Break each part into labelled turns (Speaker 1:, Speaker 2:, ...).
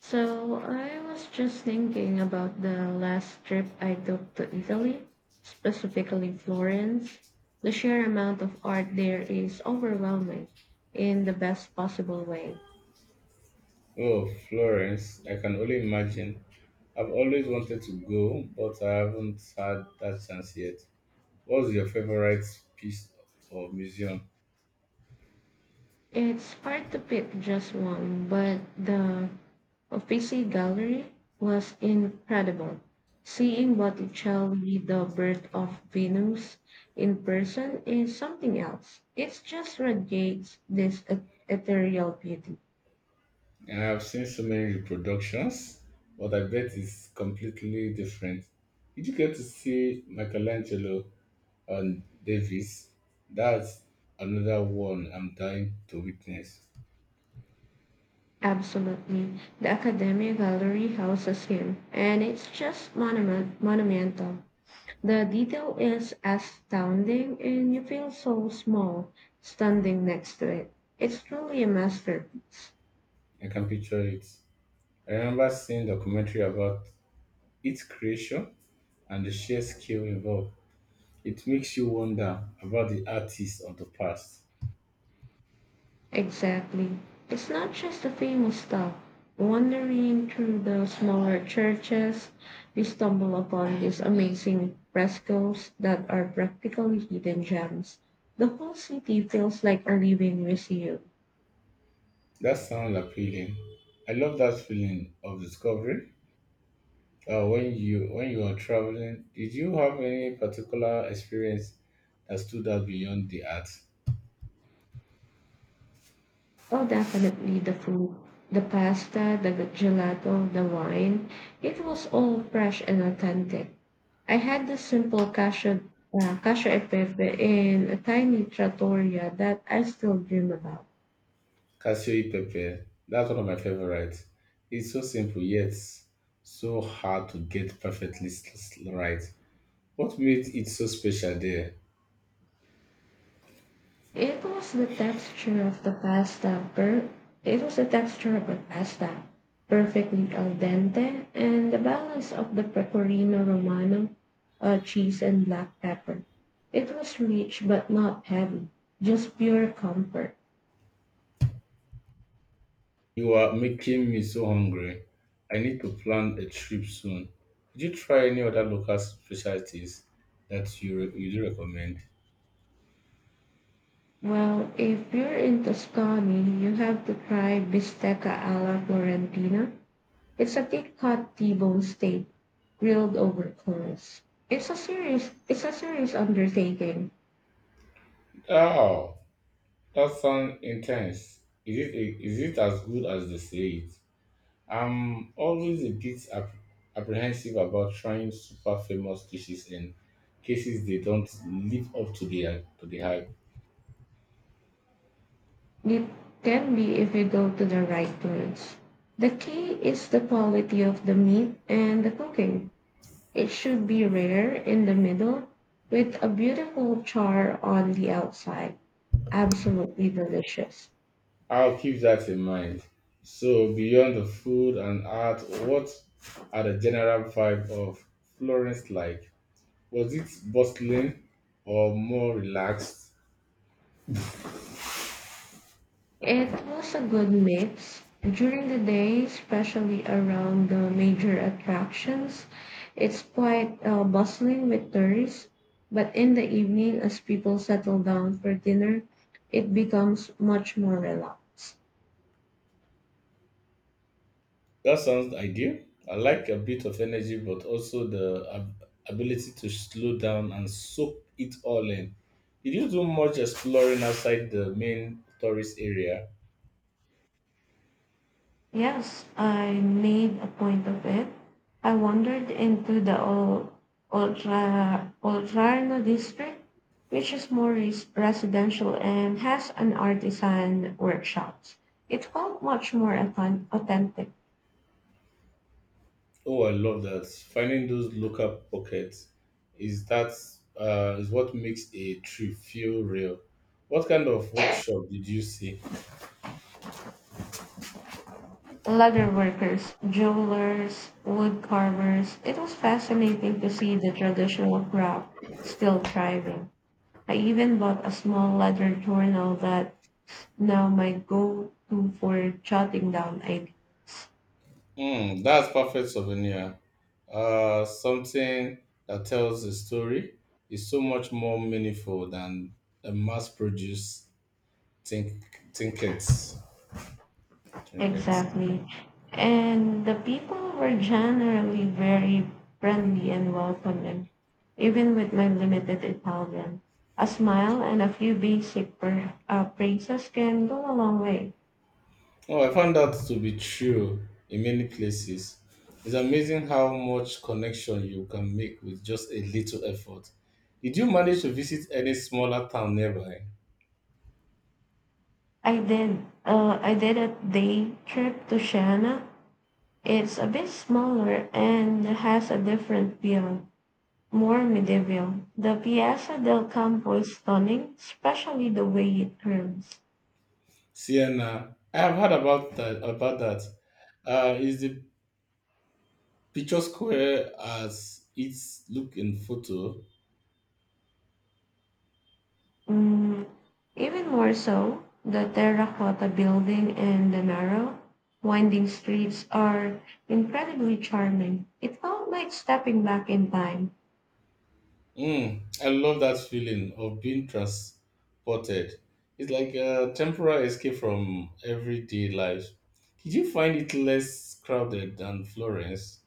Speaker 1: So I was just thinking about the last trip I took to Italy, specifically Florence. The sheer amount of art there is overwhelming in the best possible way.
Speaker 2: Oh, Florence, I can only imagine. I've always wanted to go, but I haven't had that chance yet. What's your favorite piece of museum?
Speaker 1: It's hard to pick just one, but the Uffizi Gallery was incredible. Seeing Botticelli, the Birth of Venus, in person is something else. It's just radiates this ethereal beauty.
Speaker 2: I have seen so many reproductions, but I bet it's completely different. Did you get to see Michelangelo and Davis? That's another one I'm dying to witness.
Speaker 1: Absolutely. The Academia Gallery houses him, and it's just monumental. The detail is astounding, and you feel so small standing next to it. It's truly a masterpiece.
Speaker 2: I can picture it. I remember seeing documentary about its creation and the sheer skill involved. It makes you wonder about the artists of the past.
Speaker 1: Exactly. It's not just the famous stuff. Wandering through the smaller churches, we stumble upon these amazing frescoes that are practically hidden gems. The whole city feels like a living museum.
Speaker 2: That sounds appealing. I love that feeling of discovery. When you are traveling, did you have any particular experience that stood out beyond the art?
Speaker 1: Oh, definitely the food, the pasta, the gelato, the wine. It was all fresh and authentic. I had this simple cashew e pepe in a tiny trattoria that I still dream about.
Speaker 2: Cashew pepper. That's one of my favorites. It's so simple yet so hard to get perfectly right. What made it so special there?
Speaker 1: It was the texture of the pasta per it was the texture of the pasta, perfectly al dente, and the balance of the pecorino romano, cheese, and black pepper. It was rich but not heavy, just pure comfort.
Speaker 2: You are making me so hungry. I need to plan a trip soon. Did you try any other local specialties that you do recommend?
Speaker 1: Well, if you're in Tuscany, you have to try bistecca alla Florentina. It's a thick cut T-bone steak grilled over coals. It's a serious undertaking.
Speaker 2: Oh, that sounds intense. Is it as good as they say it? I'm always a bit apprehensive about trying super famous dishes in cases they don't live up to the hype.
Speaker 1: It can be if you go to the right words. The key is the quality of the meat and the cooking. It should be rare in the middle with a beautiful char on the outside. Absolutely delicious.
Speaker 2: I'll keep that in mind. So, beyond the food and art, what are the general vibe of Florence like? Was it bustling or more relaxed?
Speaker 1: It was a good mix. During the day, especially around the major attractions, it's quite bustling with tourists. But in the evening, as people settle down for dinner, it becomes much more relaxed.
Speaker 2: That sounds ideal. I like a bit of energy, but also the ability to slow down and soak it all in. Did you do much exploring outside the main tourist area?
Speaker 1: Yes, I made a point of it. I wandered into the Oltrarno district, which is more residential and has an artisan workshops. It felt much more authentic.
Speaker 2: Oh, I love that. Finding those local pockets is that is what makes a trip feel real. What kind of workshop did you see?
Speaker 1: Leather workers, jewelers, wood carvers. It was fascinating to see the traditional craft still thriving. I even bought a small leather journal that's now my go-to for jotting down ideas.
Speaker 2: Mm, that's perfect souvenir. Something that tells a story is so much more meaningful than a mass-produced tink- trinkets. Trinkets.
Speaker 1: Exactly. And the people were generally very friendly and welcoming, even with my limited Italian. A smile and a few basic praises can go a long way.
Speaker 2: Oh, I found that to be true in many places. It's amazing how much connection you can make with just a little effort. Did you manage to visit any smaller town nearby?
Speaker 1: I did. I did a day trip to Siena. It's a bit smaller and has a different feel, more medieval. The Piazza del Campo is stunning, especially the way it curves.
Speaker 2: Siena. I have heard About that. Is the picture square as it's look in photo?
Speaker 1: Mm, even more so, the terracotta building and the narrow, winding streets are incredibly charming. It felt like stepping back in time.
Speaker 2: Mm, I love that feeling of being transported. It's like a temporary escape from everyday life. Did you find it less crowded than Florence?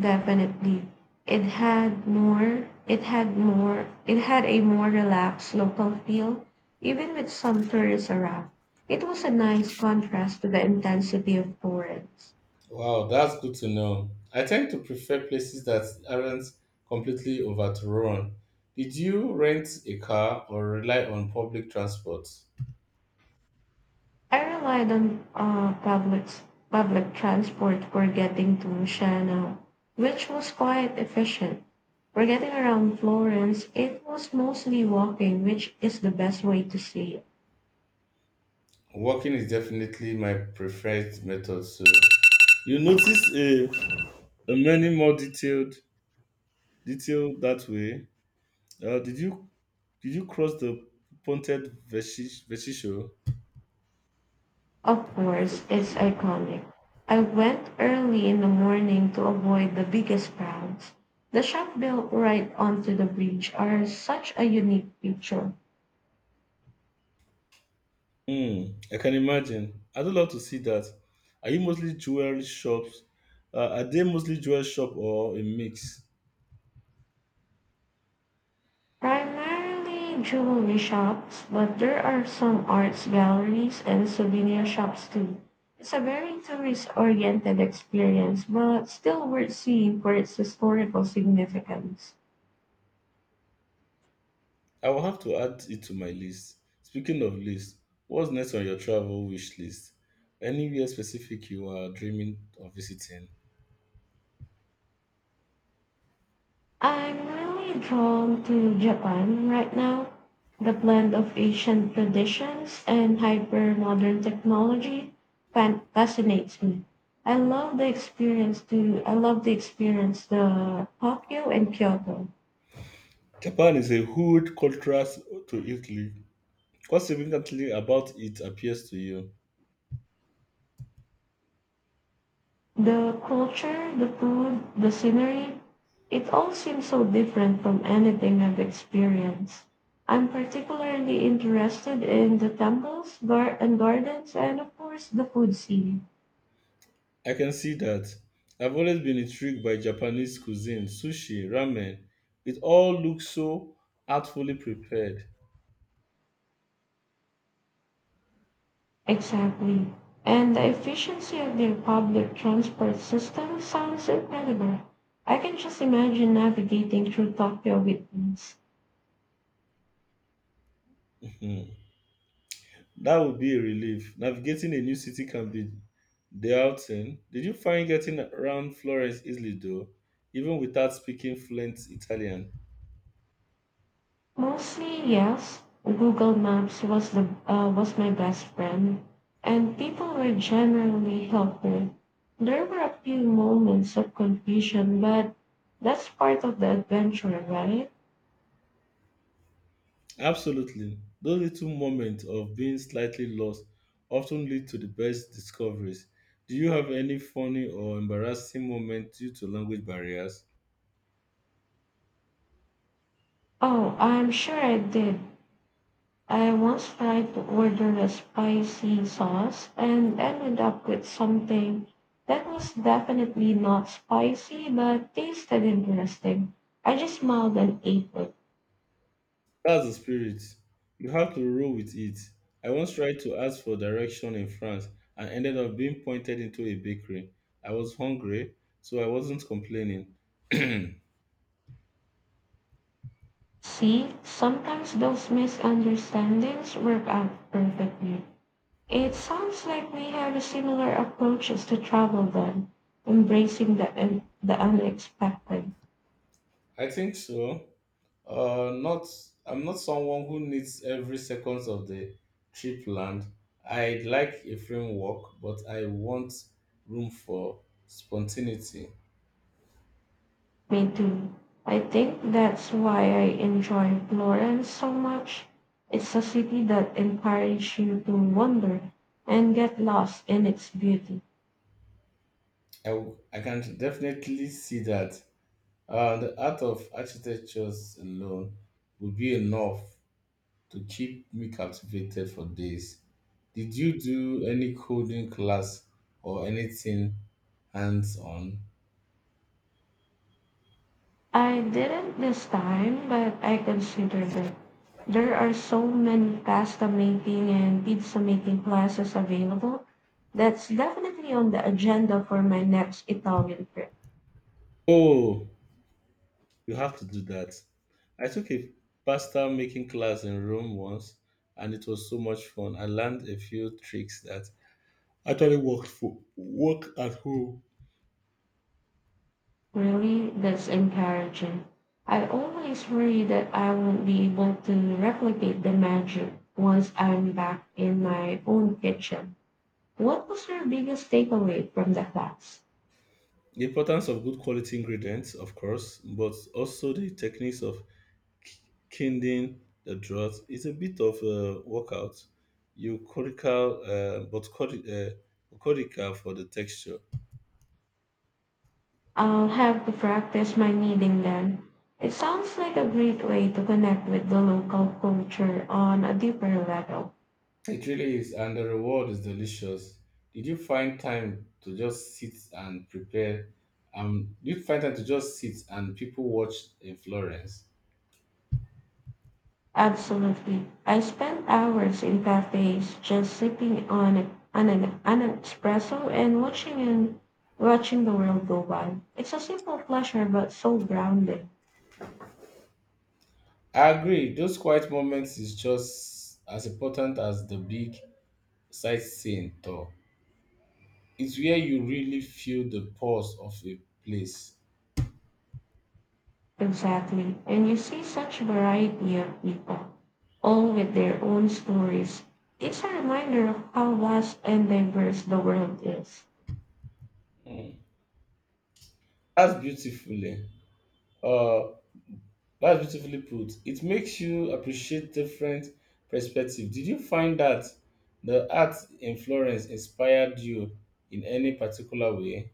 Speaker 1: Definitely. It had a more relaxed local feel, even with some tourists around. It was a nice contrast to the intensity of Florence.
Speaker 2: Wow, that's good to know. I tend to prefer places that aren't completely overrun. Did you rent a car or rely on public transport?
Speaker 1: I relied on public transport for getting to Siena, which was quite efficient. For getting around Florence, it was mostly walking, which is the best way to see. It.
Speaker 2: Walking is definitely my preferred method. So you notice a many more detailed that way. Uh, did you Did you cross the Vecchio?
Speaker 1: Of course, it's
Speaker 2: Sure.
Speaker 1: iconic. I went early in the morning to avoid the biggest crowds. The shop built right onto the bridge are such a unique picture.
Speaker 2: Hmm, I can imagine. I'd love to see that. Are you mostly jewelry shops? Are they mostly jewelry shop or a mix?
Speaker 1: Primarily jewelry shops, but there are some arts galleries and souvenir shops too. It's a very tourist oriented experience, but still worth seeing for its historical significance.
Speaker 2: I will have to add it to my list. Speaking of list, what's next on your travel wish list? Anywhere specific you are dreaming of visiting?
Speaker 1: I'm really drawn to Japan right now. The blend of ancient traditions and hyper modern technology fascinates me. I love the experience the Tokyo and Kyoto.
Speaker 2: Japan is a huge contrast to Italy. What's significantly about it appeals to you?
Speaker 1: The culture, the food, the scenery, it all seems so different from anything I've experienced. I'm particularly interested in the temples, and gardens, and of course the food scene.
Speaker 2: I can see that. I've always been intrigued by Japanese cuisine, sushi, ramen. It all looks so artfully prepared.
Speaker 1: Exactly. And the efficiency of their public transport system sounds incredible. I can just imagine navigating through Tokyo with ease.
Speaker 2: Hmm. That would be a relief. Navigating a new city can be daunting. Did you find getting around Florence easily though, even without speaking fluent Italian?
Speaker 1: Mostly, yes. Google Maps was the was my best friend, and people were generally helpful. There were a few moments of confusion, but that's part of the adventure, right?
Speaker 2: Absolutely. Those little moments of being slightly lost often lead to the best discoveries. Do you have any funny or embarrassing moment due to language barriers?
Speaker 1: Oh, I'm sure I did. I once tried to order a spicy sauce and ended up with something that was definitely not spicy but tasted interesting. I just smiled and ate it.
Speaker 2: That's the spirit. You have to roll with it. I once tried to ask for direction in France and ended up being pointed into a bakery. I was hungry, so I wasn't complaining. I
Speaker 1: See, sometimes those misunderstandings work out perfectly. It sounds like we have similar approaches to travel then, embracing the unexpected.
Speaker 2: think so. Not. I'm not someone who needs every second of the trip planned. I'd like a framework, but I want room for spontaneity.
Speaker 1: Me too. I think that's why I enjoy Florence so much. It's a city that encourages you to wander and get lost in its beauty.
Speaker 2: I can definitely see that. The art of architectures alone would be enough to keep me captivated for days. Did you do any coding class or anything hands on?
Speaker 1: I didn't this time, but I considered it. There are so many pasta making and pizza making classes available. That's definitely on the agenda for my next Italian trip.
Speaker 2: Oh, you have to do that. I took a pasta making class in Rome once and it was so much fun. I learned a few tricks that actually worked for work at home.
Speaker 1: Really, that's encouraging. I always worry that I won't be able to replicate the magic once I'm back in my own kitchen. What was your biggest takeaway from the class?
Speaker 2: The importance of good quality ingredients, of course, but also the techniques of Kindling the drought is a bit of a workout, euchorical, but euchorical for the texture.
Speaker 1: I'll have to practice my kneading then. It sounds like a great way to connect with the local culture on a deeper level.
Speaker 2: It really is, and the reward is delicious. Did you find time to just sit and prepare? Did you find time to just sit and people watch in Florence?
Speaker 1: Absolutely. I spend hours in cafes just sipping on, a, on an espresso and watching the world go by. It's a simple pleasure but so grounding.
Speaker 2: I agree. Those quiet moments is just as important as the big sightseeing tour. It's where you really feel the pulse of a place.
Speaker 1: Exactly. And you see such variety of people, all with their own stories. It's a reminder of how vast and diverse the world is.
Speaker 2: That's beautifully. Uh, that's beautifully put. It makes you appreciate different perspective. Did you find that the art in Florence inspired you in any particular way?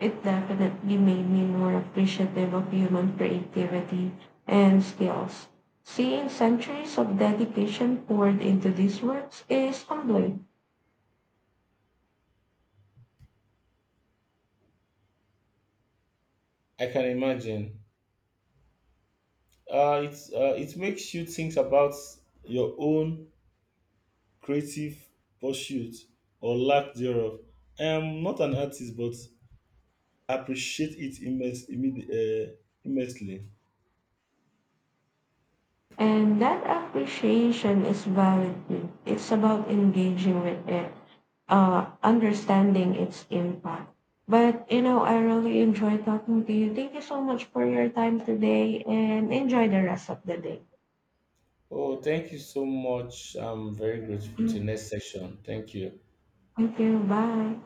Speaker 1: It definitely made me more appreciative of human creativity and skills. Seeing centuries of dedication poured into these works is humbling,
Speaker 2: I can imagine. It it makes you think about your own creative pursuit or lack thereof. I am not an artist, but appreciate it immensely.
Speaker 1: and that appreciation is valid too. It's about engaging with it, understanding its impact. But you know, I really enjoy talking to you. Thank you so much for your time today, and enjoy the rest of the day.
Speaker 2: Oh, thank you so much. I'm very grateful to
Speaker 1: Mm,
Speaker 2: next session. Thank you.
Speaker 1: thank you. Bye.